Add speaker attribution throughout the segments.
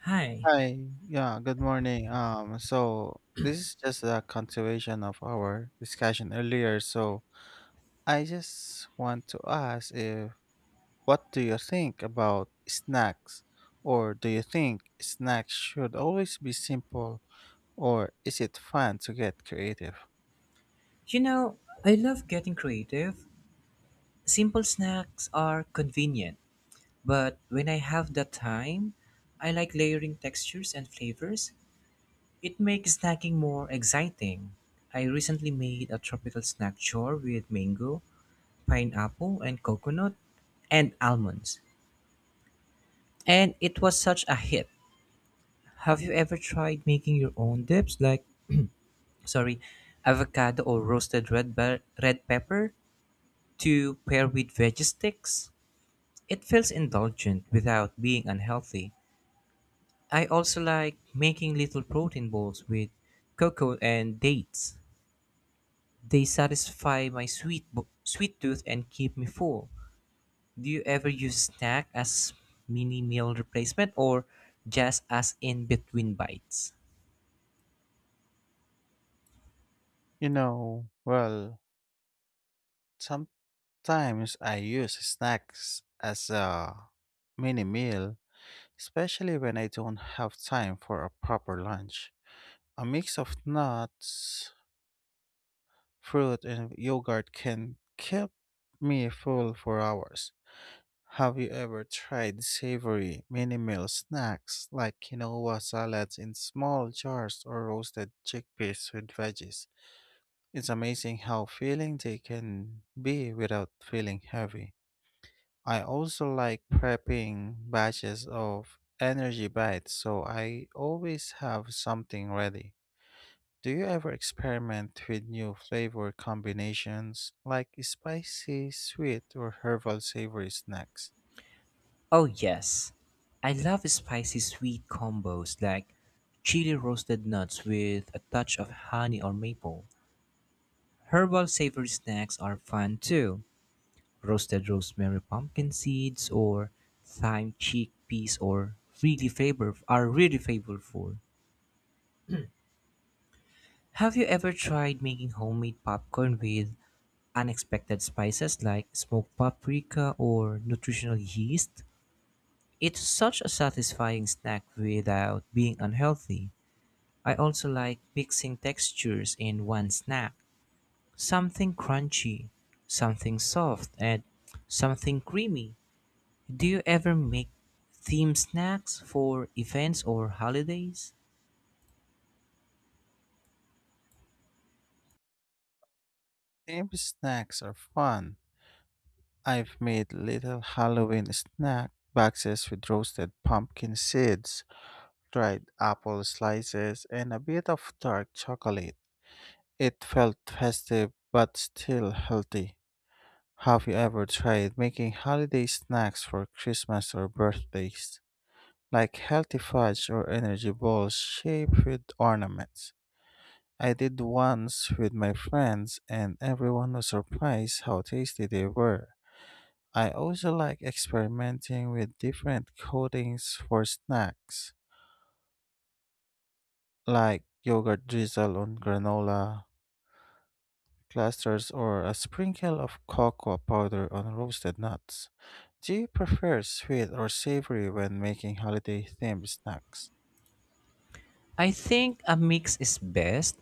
Speaker 1: Hi.
Speaker 2: Hi. Yeah, good morning. So this is just a continuation of our discussion earlier. So I just want to ask if what do you think about snacks? Or do you think snacks should always be simple or is it fun to get creative?
Speaker 1: You know, I love getting creative. Simple snacks are convenient, but when I have the time, I like layering textures and flavors. It makes snacking more exciting. I recently made a tropical snack jar with mango, pineapple, and coconut, and almonds. And it was such a hit. Have you ever tried making your own dips like, sorry, avocado or red pepper to pair with veggie sticks? It feels indulgent without being unhealthy. I also like making little protein balls with cocoa and dates. They satisfy my sweet tooth and keep me full. Do you ever use snack as mini meal replacement or just as in between bites?
Speaker 2: You know, well, sometimes I use snacks as a mini meal, especially when I don't have time for a proper lunch. A mix of nuts, fruit, and yogurt can keep me full for hours. Have you ever tried savory mini meal snacks like quinoa salads in small jars or roasted chickpeas with veggies? It's amazing how filling they can be without feeling heavy. I also like prepping batches of energy bites so I always have something ready. Do you ever experiment with new flavor combinations like spicy, sweet, or herbal savory snacks?
Speaker 1: Oh yes. I love spicy sweet combos like chili roasted nuts with a touch of honey or maple. Herbal savory snacks are fun too. Roasted rosemary pumpkin seeds or thyme chickpeas or really favor are really flavorful. Have you ever tried making homemade popcorn with unexpected spices like smoked paprika or nutritional yeast? It's such a satisfying snack without being unhealthy. I also like mixing textures in one snack. Something crunchy, something soft, and something creamy. Do you ever make theme snacks for events or holidays?
Speaker 2: Themed snacks are fun. I've made little Halloween snack boxes with roasted pumpkin seeds, dried apple slices, and a bit of dark chocolate. It felt festive but still healthy. Have you ever tried making holiday snacks for Christmas or birthdays, like healthy fudge or energy balls shaped with ornaments? I did once with my friends, and everyone was surprised how tasty they were. I also like experimenting with different coatings for snacks, like yogurt drizzle on granola clusters or a sprinkle of cocoa powder on roasted nuts. Do you prefer sweet or savory when making holiday themed snacks?
Speaker 1: I think a mix is best.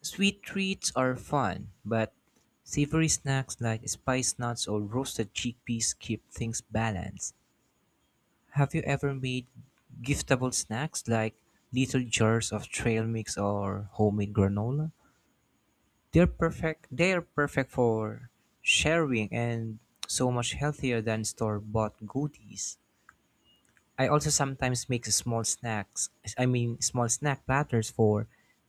Speaker 1: Sweet treats are fun, but savory snacks like spice nuts or roasted chickpeas keep things balanced. Have you ever made giftable snacks like little jars of trail mix or homemade granola? They're perfect for sharing and so much healthier than store-bought goodies. I also sometimes make small snack platters for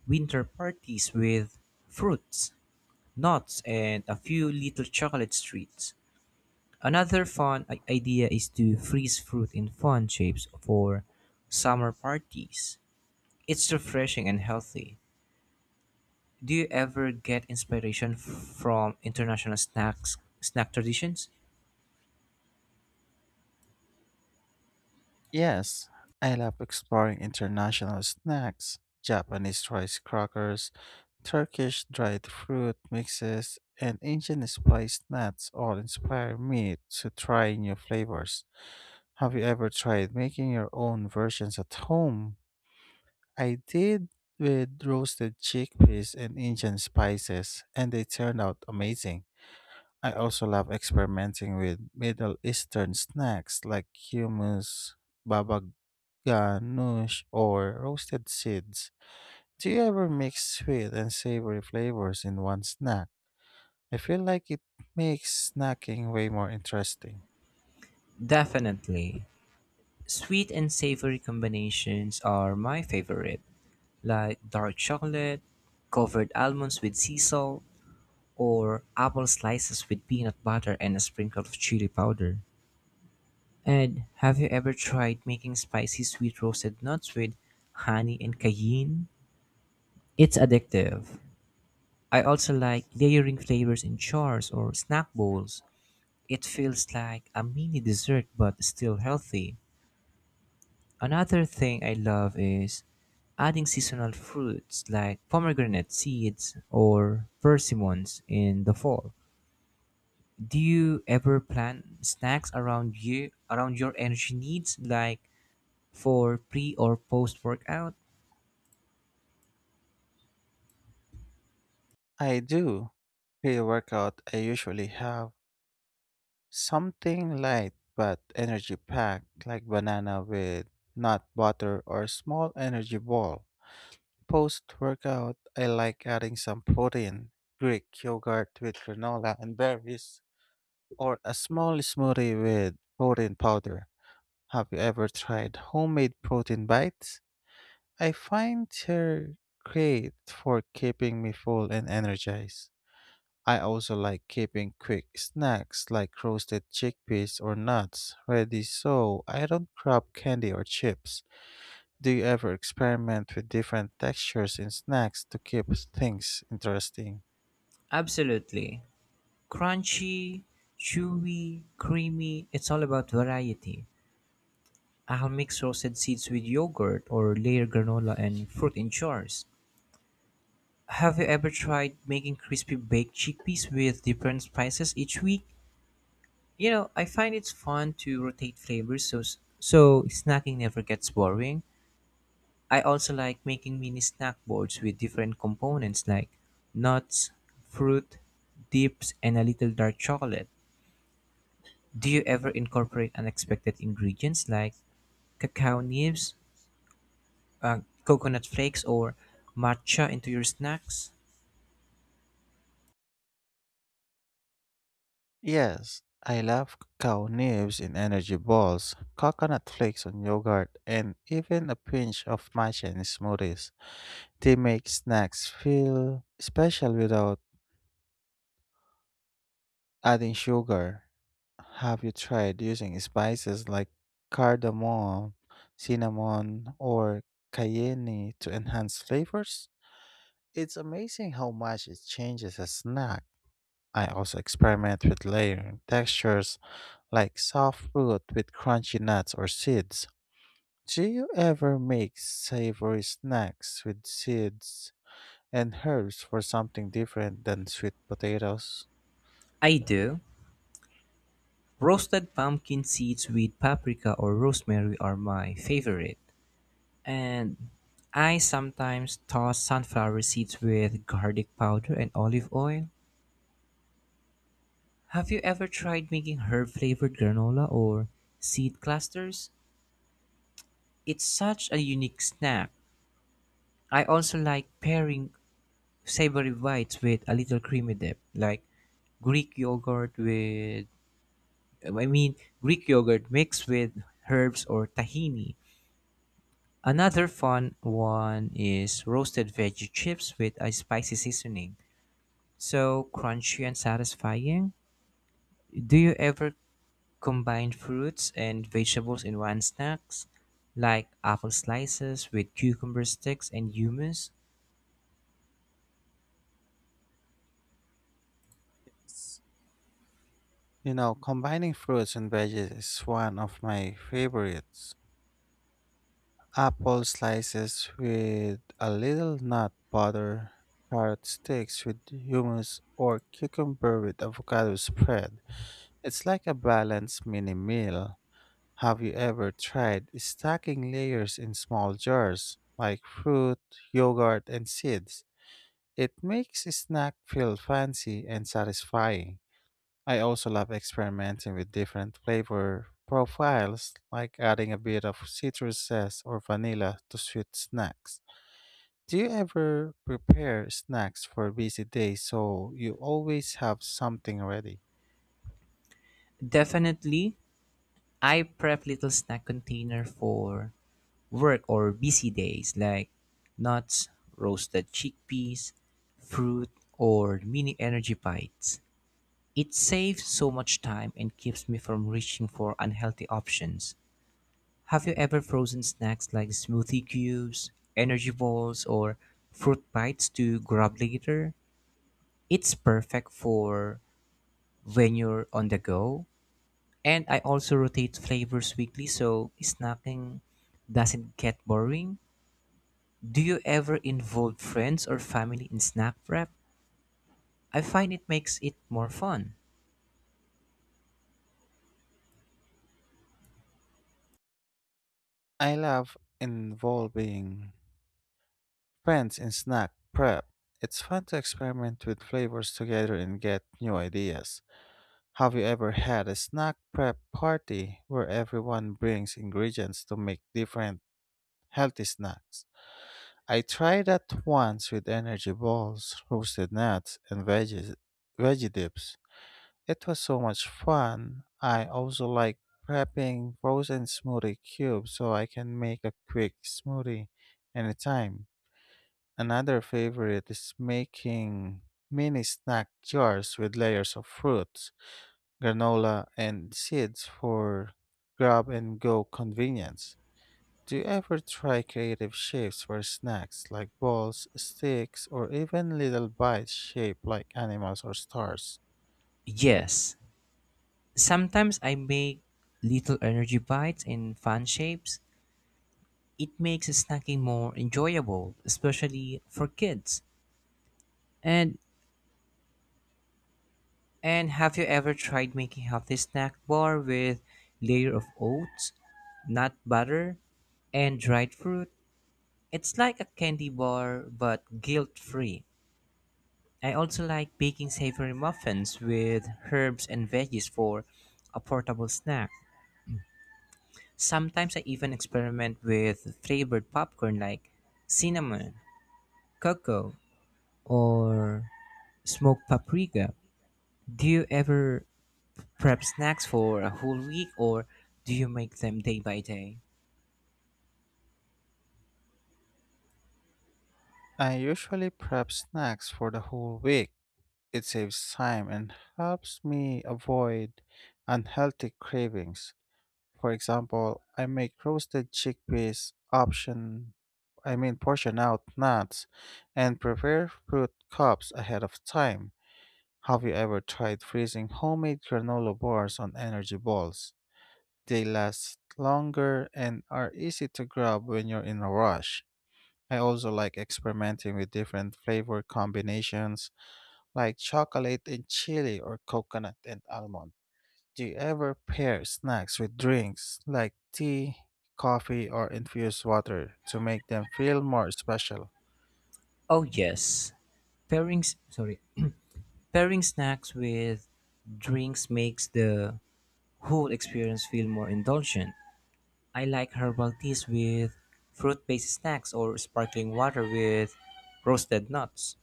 Speaker 1: winter parties with fruits, nuts, and a few little chocolate treats. Another fun idea is to freeze fruit in fun shapes for summer parties. It's refreshing and healthy. Do you ever get inspiration from international snack traditions?
Speaker 2: Yes, I love exploring international snacks. Japanese rice crackers, Turkish dried fruit mixes, and Indian spiced nuts all inspire me to try new flavors. Have you ever tried making your own versions at home? I did with roasted chickpeas and Indian spices, and they turned out amazing. I also love experimenting with Middle Eastern snacks like hummus, baba ganoush, or roasted seeds. Do you ever mix sweet and savory flavors in one snack? I feel like it makes snacking way more interesting.
Speaker 1: Definitely. Sweet and savory combinations are my favorite, like dark chocolate covered almonds with sea salt, or apple slices with peanut butter and a sprinkle of chili powder. And have you ever tried making spicy sweet roasted nuts with honey and cayenne? It's addictive. I also like layering flavors in jars or snack bowls. It feels like a mini dessert but still healthy. Another thing I love is adding seasonal fruits like pomegranate seeds or persimmons in the fall. Do you ever plan snacks around you around your energy needs like for pre or post workout?
Speaker 2: I do. Pre workout, I usually have something light but energy packed, like banana with nut butter or small energy ball. Post workout, I like adding some protein, Greek yogurt with granola and berries, or a small smoothie with protein powder. Have you ever tried homemade protein bites? I find they're great for keeping me full and energized. I also like keeping quick snacks like roasted chickpeas or nuts ready so I don't grab candy or chips. Do you ever experiment with different textures in snacks to keep things interesting?
Speaker 1: Absolutely. Crunchy, chewy, creamy, it's all about variety. I'll mix roasted seeds with yogurt or layer granola and fruit in jars. Have you ever tried making crispy baked chickpeas with different spices each week? You know, I find it's fun to rotate flavors so snacking never gets boring. I also like making mini snack boards with different components like nuts, fruit, dips, and a little dark chocolate. Do you ever incorporate unexpected ingredients like cacao nibs, uh, coconut flakes, or matcha into your snacks?
Speaker 2: Yes, I love cow nibs in energy balls, coconut flakes on yogurt, and even a pinch of matcha in smoothies. They make snacks feel special without adding sugar. Have you tried using spices like cardamom, cinnamon, or cayenne to enhance flavors? It's amazing how much it changes a snack. I also experiment with layering textures like soft fruit with crunchy nuts or seeds. Do you ever make savory snacks with seeds and herbs for something different than sweet potatoes?
Speaker 1: I do. Roasted pumpkin seeds with paprika or rosemary are my favorite. And I sometimes toss sunflower seeds with garlic powder and olive oil. Have you ever tried making herb flavored granola or seed clusters? It's such a unique snack. I also like pairing savory bites with a little creamy dip, like Greek yogurt with, I mean, Greek yogurt mixed with herbs or tahini. Another fun one is roasted veggie chips with a spicy seasoning. So crunchy and satisfying. Do you ever combine fruits and vegetables in one snacks? Like apple slices with cucumber sticks and hummus?
Speaker 2: Yes. You know, combining fruits and veggies is one of my favorites. Apple slices with a little nut butter, carrot sticks with hummus, or cucumber with avocado spread. It's like a balanced mini meal. Have you ever tried stacking layers in small jars, like fruit, yogurt, and seeds? It makes a snack feel fancy and satisfying. I also love experimenting with different flavor profiles, like adding a bit of citrus zest or vanilla to sweet snacks. Do you ever prepare snacks for busy days so you always have something ready?
Speaker 1: Definitely. I prep little snack container for work or busy days like nuts, roasted chickpeas, fruit, or mini energy bites. It saves so much time and keeps me from reaching for unhealthy options. Have you ever frozen snacks like smoothie cubes, energy balls, or fruit bites to grab later? It's perfect for when you're on the go. And I also rotate flavors weekly so snacking doesn't get boring. Do you ever involve friends or family in snack prep? I find it makes it more fun.
Speaker 2: I love involving friends in snack prep. It's fun to experiment with flavors together and get new ideas. Have you ever had a snack prep party where everyone brings ingredients to make different healthy snacks? I tried that once with energy balls, roasted nuts, and veggie dips. It was so much fun. I also like prepping frozen smoothie cubes so I can make a quick smoothie anytime. Another favorite is making mini snack jars with layers of fruits, granola, and seeds for grab and go convenience. Do you ever try creative shapes for snacks like balls, sticks, or even little bites shaped like animals or stars?
Speaker 1: Yes, sometimes I make little energy bites in fun shapes. It makes snacking more enjoyable, especially for kids. And and have you ever tried making healthy snack bar with layer of oats, nut butter, and dried fruit? It's like a candy bar but guilt-free. I also like baking savory muffins with herbs and veggies for a portable snack. Sometimes I even experiment with flavored popcorn like cinnamon, cocoa, or smoked paprika. Do you ever prep snacks for a whole week or do you make them day by day?
Speaker 2: I usually prep snacks for the whole week. It saves time and helps me avoid unhealthy cravings. For example, I make roasted chickpeas option I mean portion out nuts and prepare fruit cups ahead of time. Have you ever tried freezing homemade granola bars on energy balls? They last longer and are easy to grab when you're in a rush. I also like experimenting with different flavor combinations like chocolate and chili or coconut and almond. Do you ever pair snacks with drinks like tea, coffee, or infused water to make them feel more special?
Speaker 1: Oh yes. Pairing s- sorry, pairing snacks with drinks makes the whole experience feel more indulgent. I like herbal teas with fruit-based snacks or sparkling water with roasted nuts.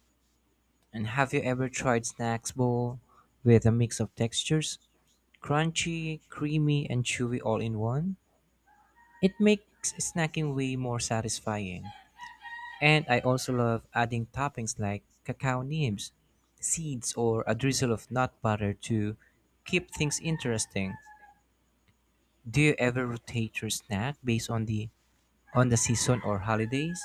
Speaker 1: And have you ever tried snacks bowl with a mix of textures? Crunchy, creamy, and chewy all in one? It makes snacking way more satisfying. And I also love adding toppings like cacao nibs, seeds, or a drizzle of nut butter to keep things interesting. Do you ever rotate your snack based on the season or holidays?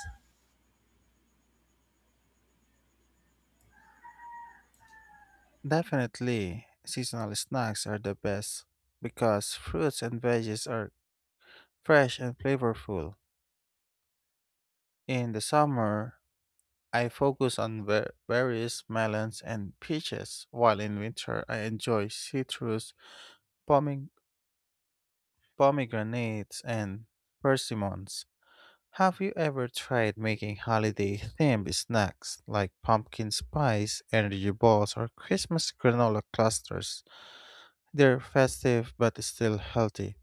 Speaker 2: Definitely, seasonal snacks are the best because fruits and veggies are fresh and flavorful. In the summer, I focus on berries, melons, and peaches, while in winter, I enjoy citrus, pome- pomegranates, and persimmons. Have you ever tried making holiday themed snacks like pumpkin spice, energy balls, or Christmas granola clusters? They're festive but still healthy.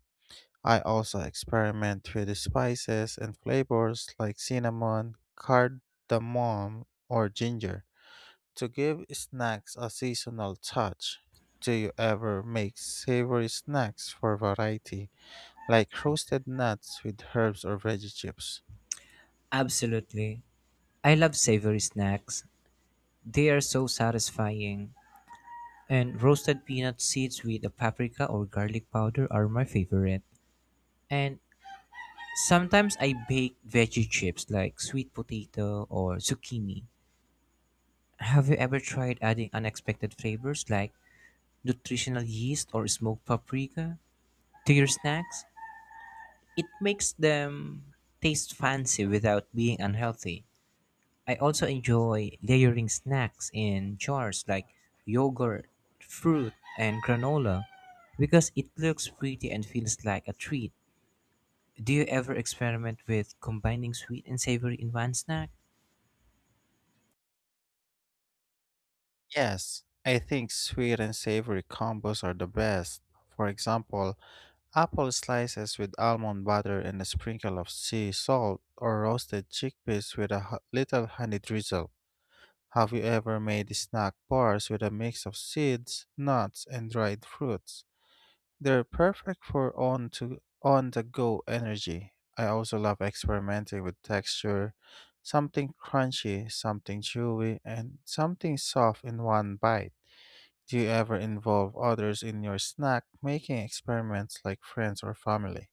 Speaker 2: I also experiment with the spices and flavors like cinnamon, cardamom, or ginger to give snacks a seasonal touch. Do you ever make savory snacks for variety, like roasted nuts with herbs or veggie chips?
Speaker 1: Absolutely. I love savory snacks. They are so satisfying. And roasted peanut seeds with a paprika or garlic powder are my favorite. And sometimes I bake veggie chips like sweet potato or zucchini. Have you ever tried adding unexpected flavors like nutritional yeast or smoked paprika to your snacks? It makes them taste fancy without being unhealthy. I also enjoy layering snacks in jars like yogurt, fruit, and granola because it looks pretty and feels like a treat. Do you ever experiment with combining sweet and savory in one snack?
Speaker 2: Yes, I think sweet and savory combos are the best. For example, apple slices with almond butter and a sprinkle of sea salt, or roasted chickpeas with a little honey drizzle. Have you ever made snack bars with a mix of seeds, nuts, and dried fruits? They're perfect for on the go energy. I also love experimenting with texture, something crunchy, something chewy, and something soft in one bite. Do you ever involve others in your snack making experiments like friends or family?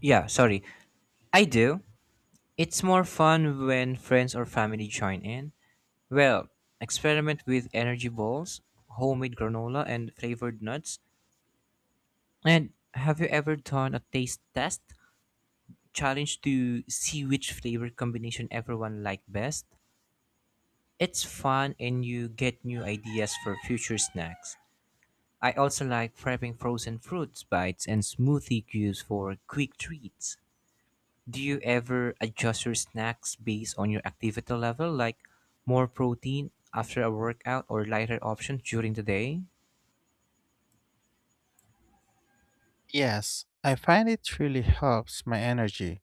Speaker 1: Yeah, sorry. I do. It's more fun when friends or family join in. Well, experiment with energy balls, homemade granola, and flavored nuts. And have you ever done a taste test challenge to see which flavor combination everyone liked best? It's fun and you get new ideas for future snacks. I also like prepping frozen fruits bites and smoothie cubes for quick treats. Do you ever adjust your snacks based on your activity level, like more protein after a workout or lighter options during the day?
Speaker 2: Yes, I find it really helps my energy.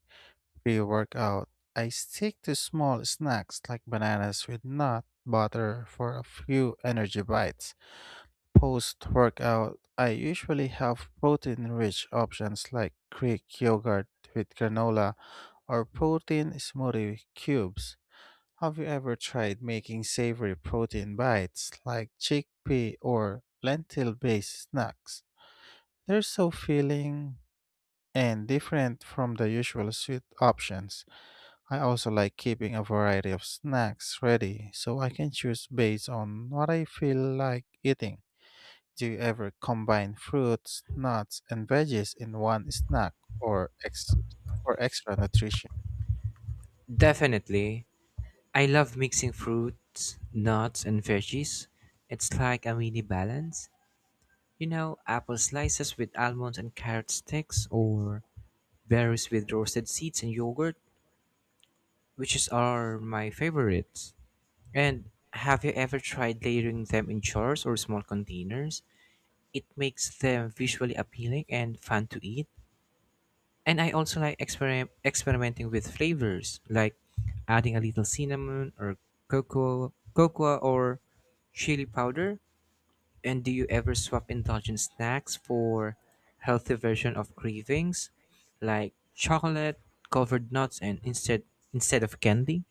Speaker 2: Pre workout, I stick to small snacks like bananas with nut butter for a few energy bites. Post workout, I usually have protein rich options like Greek yogurt with granola or protein smoothie cubes. Have you ever tried making savory protein bites like chickpea or lentil based snacks? They're so filling and different from the usual sweet options. I also like keeping a variety of snacks ready so I can choose based on what I feel like eating. Do you ever combine fruits, nuts, and veggies in one snack or ex- for extra nutrition?
Speaker 1: Definitely. I love mixing fruits, nuts, and veggies. It's like a mini balance. You know, apple slices with almonds and carrot sticks, or berries with roasted seeds and yogurt, which is are my favorites. And have you ever tried layering them in jars or small containers? It makes them visually appealing and fun to eat. And I also like experimenting with flavors, like adding a little cinnamon or cocoa or chili powder. And do you ever swap indulgent snacks for healthy version of cravings, like chocolate covered nuts and instead of candy?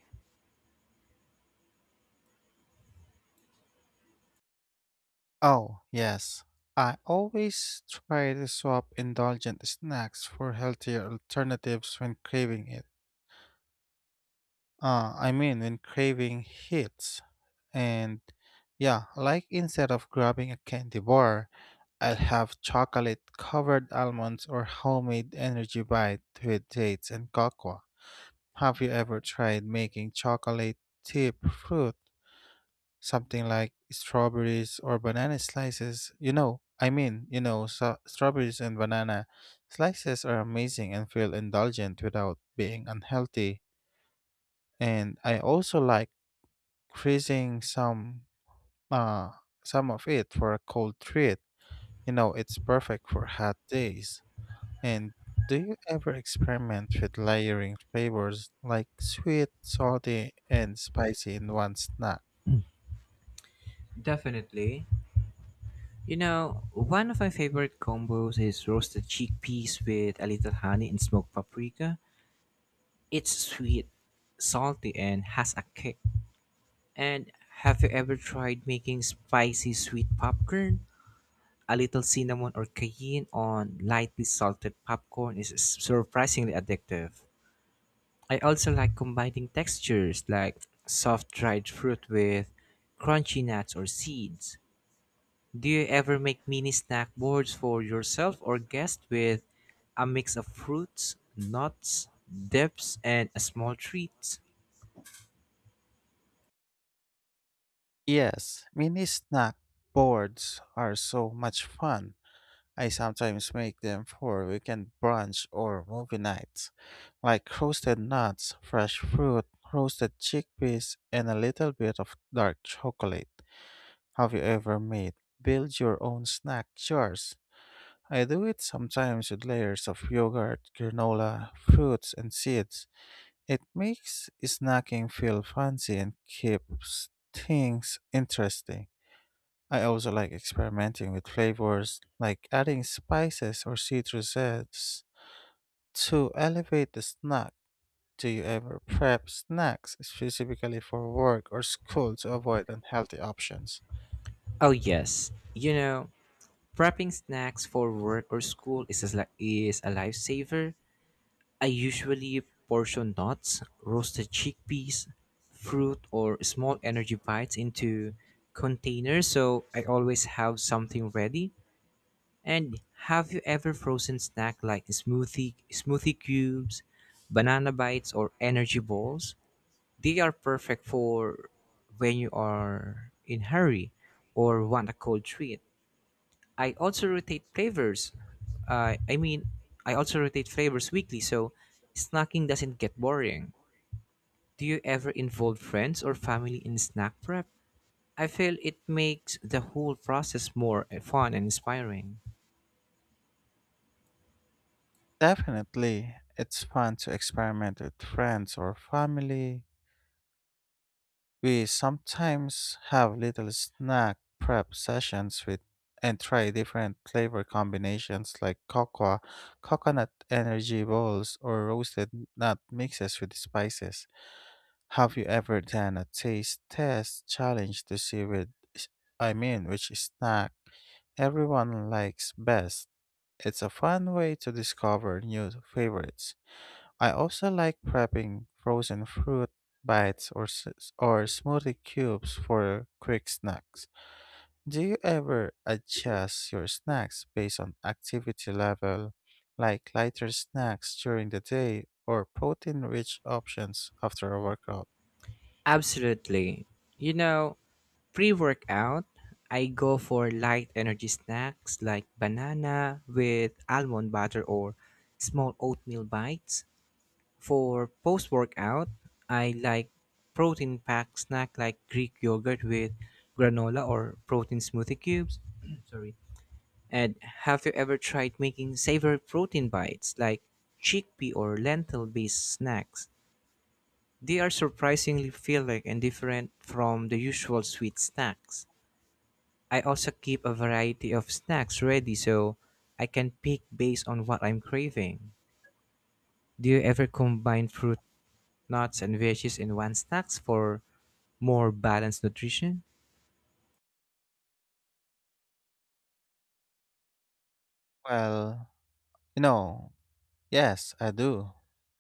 Speaker 2: Oh, yes. I always try to swap indulgent snacks for healthier alternatives when craving it. I mean, when craving hits. And yeah, like instead of grabbing a candy bar, I'll have chocolate covered almonds or homemade energy bite with dates and cocoa. Have you ever tried making chocolate chip fruit? Something like strawberries or banana slices. You know, so strawberries and banana slices are amazing and feel indulgent without being unhealthy. And I also like freezing uh some of it for a cold treat. You know, it's perfect for hot days. And do you ever experiment with layering flavors like sweet, salty, and spicy in one snack?
Speaker 1: Definitely. You know, one of my favorite combos is roasted chickpeas with a little honey and smoked paprika. It's sweet, salty, and has a kick. And have you ever tried making spicy sweet popcorn? A little cinnamon or cayenne on lightly salted popcorn is surprisingly addictive. I also like combining textures like soft dried fruit with crunchy nuts or seeds. Do you ever make mini snack boards for yourself or guests with a mix of fruits, nuts, dips, and a small treats?
Speaker 2: Yes, mini snack boards are so much fun. I sometimes make them for weekend brunch or movie nights, like roasted nuts, fresh fruit, roasted chickpeas, and a little bit of dark chocolate. Have you ever made build your own snack jars? I do it sometimes with layers of yogurt, granola, fruits, and seeds. It makes snacking feel fancy and keeps things interesting. I also like experimenting with flavors, like adding spices or citrus zest to elevate the snack. Do you ever prep snacks specifically for work or school to avoid unhealthy options?
Speaker 1: Oh yes, you know, prepping snacks for work or school is is a lifesaver. I usually portion nuts, roasted chickpeas, fruit, or small energy bites into containers so I always have something ready. And have you ever frozen snack like smoothie cubes, banana bites, or energy balls? They are perfect for when you are in hurry or want a cold treat. I also rotate flavors. Uh, I mean, I also rotate flavors weekly, so snacking doesn't get boring. Do you ever involve friends or family in snack prep? I feel it makes the whole process more fun and inspiring.
Speaker 2: Definitely, it's fun to experiment with friends or family. We sometimes have little snack prep sessions with and try different flavor combinations like cocoa, coconut energy balls, or roasted nut mixes with spices. Have you ever done a taste test challenge to see with I mean which snack everyone likes best? It's a fun way to discover new favorites. I also like prepping frozen fruit bites or smoothie cubes for quick snacks. Do you ever adjust your snacks based on activity level, like lighter snacks during the day or protein-rich options after a workout?
Speaker 1: Absolutely. You know, pre workout, I go for light energy snacks like banana with almond butter or small oatmeal bites. For post workout, I like protein packed snack like Greek yogurt with granola or protein smoothie cubes. Sorry. And have you ever tried making savory protein bites like chickpea or lentil based snacks? They are surprisingly filling and different from the usual sweet snacks. I also keep a variety of snacks ready so I can pick based on what I'm craving. Do you ever combine fruit nuts and veggies in one snacks for more balanced nutrition?
Speaker 2: Well, you know, yes, I do.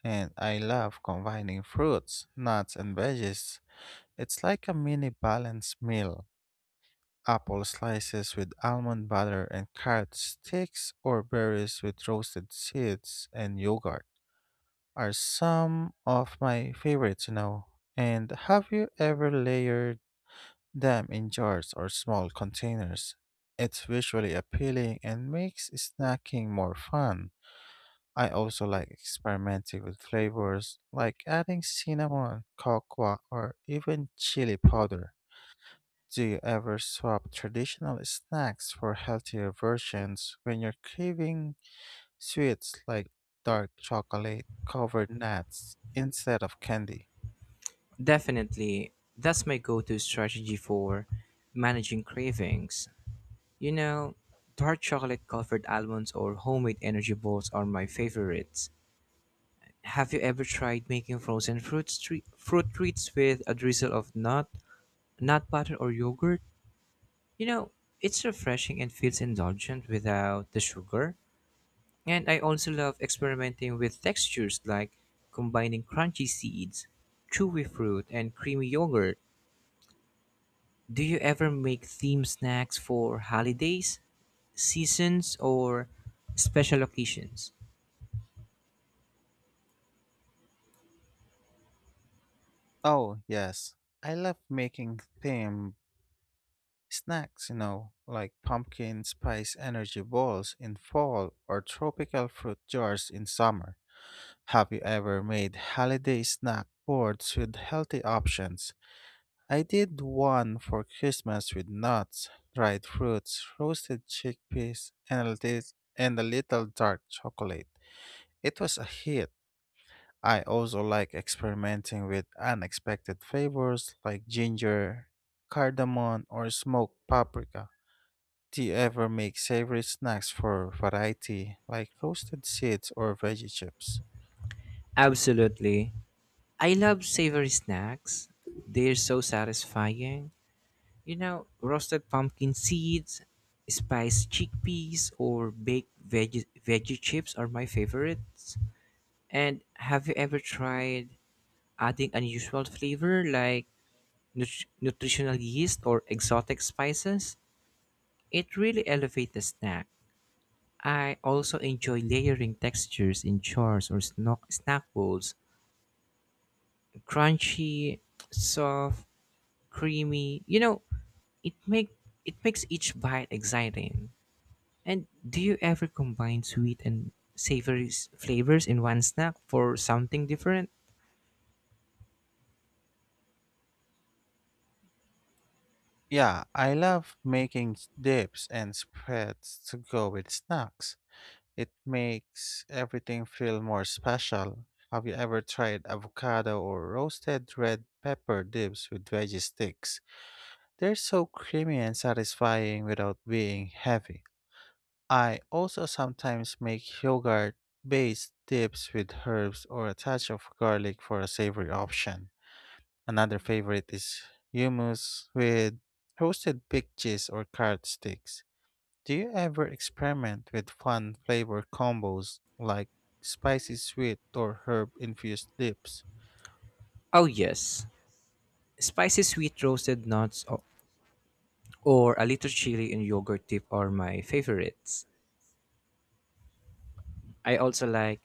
Speaker 2: And I love combining fruits, nuts, and veggies. It's like a mini balanced meal. Apple slices with almond butter and carrot sticks or berries with roasted seeds and yogurt are some of my favorites, you know. And have you ever layered them in jars or small containers? It's visually appealing and makes snacking more fun. I also like experimenting with flavors like adding cinnamon, cocoa, or even chili powder. Do you ever swap traditional snacks for healthier versions when you're craving sweets, like dark chocolate covered nuts instead of candy?
Speaker 1: Definitely, that's my go to strategy for managing cravings. You know, dark chocolate covered almonds or homemade energy balls are my favorites. Have you ever tried making frozen fruit treats with a drizzle of nut butter, or yogurt? You know, it's refreshing and feels indulgent without the sugar. And I also love experimenting with textures like combining crunchy seeds, chewy fruit, and creamy yogurt. Do you ever make theme snacks for holidays, seasons, or special occasions?
Speaker 2: Oh, yes. I love making themed snacks, you know, like pumpkin spice energy balls in fall or tropical fruit jars in summer. Have you ever made holiday snack boards with healthy options? I did one for Christmas with nuts, dried fruits, roasted chickpeas, and and a little dark chocolate. It was a hit. I also like experimenting with unexpected flavors like ginger, cardamom, or smoked paprika. Do you ever make savory snacks for variety, like roasted seeds or veggie chips?
Speaker 1: Absolutely. I love savory snacks. They're so satisfying. You know, roasted pumpkin seeds, spiced chickpeas, or baked veggie chips are my favorites. And have you ever tried adding unusual flavor like nutritional yeast or exotic spices? It really elevates the snack. I also enjoy layering textures in jars or snack bowls. Crunchy, soft, creamy. You know, it make it makes each bite exciting. And do you ever combine sweet and savory flavors in one snack for something different?
Speaker 2: Yeah, I love making dips and spreads to go with snacks. It makes everything feel more special. Have you ever tried avocado or roasted red pepper dips with veggie sticks? They're so creamy and satisfying without being heavy. I also sometimes make yogurt based dips with herbs or a touch of garlic for a savory option. Another favorite is hummus with roasted big cheese or carrot sticks. Do you ever experiment with fun flavor combos like spicy sweet or herb infused dips?
Speaker 1: Oh yes, spicy sweet roasted or a little chili and yogurt dip are my favorites. I also like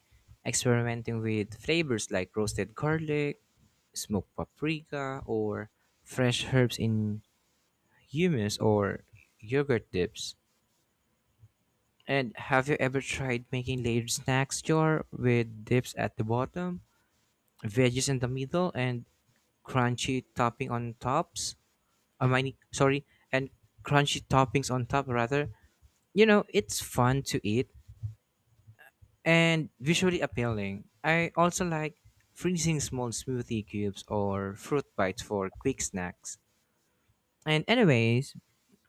Speaker 1: experimenting with flavors like roasted garlic, smoked paprika, or fresh herbs in hummus or yogurt dips. And have you ever tried making layered snacks jar with dips at the bottom, veggies in the middle, and crunchy topping on tops? I mean, sorry, and crunchy toppings on top rather. You know, it's fun to eat and visually appealing. I also like freezing small smoothie cubes or fruit bites for quick snacks. And anyways,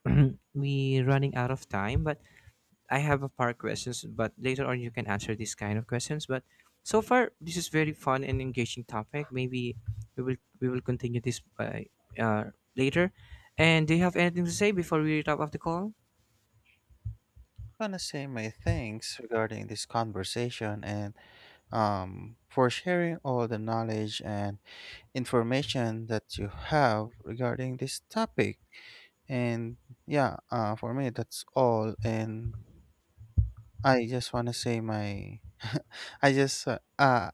Speaker 1: we running out of time, but I have a par questions, but later on you can answer these kind of questions. But so far, this is very fun and engaging topic. Maybe we will continue this by later. And do you have anything to say before we wrap up the call?
Speaker 2: I want to say my thanks regarding this conversation and for sharing all the knowledge and information that you have regarding this topic. And yeah, for me, that's all. And I just want to say I just, uh, uh,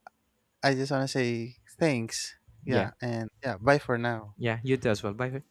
Speaker 2: I just want to say thanks.
Speaker 1: Yeah,
Speaker 2: Yeah. And yeah, bye for now.
Speaker 1: yeah, you do as well. Bye.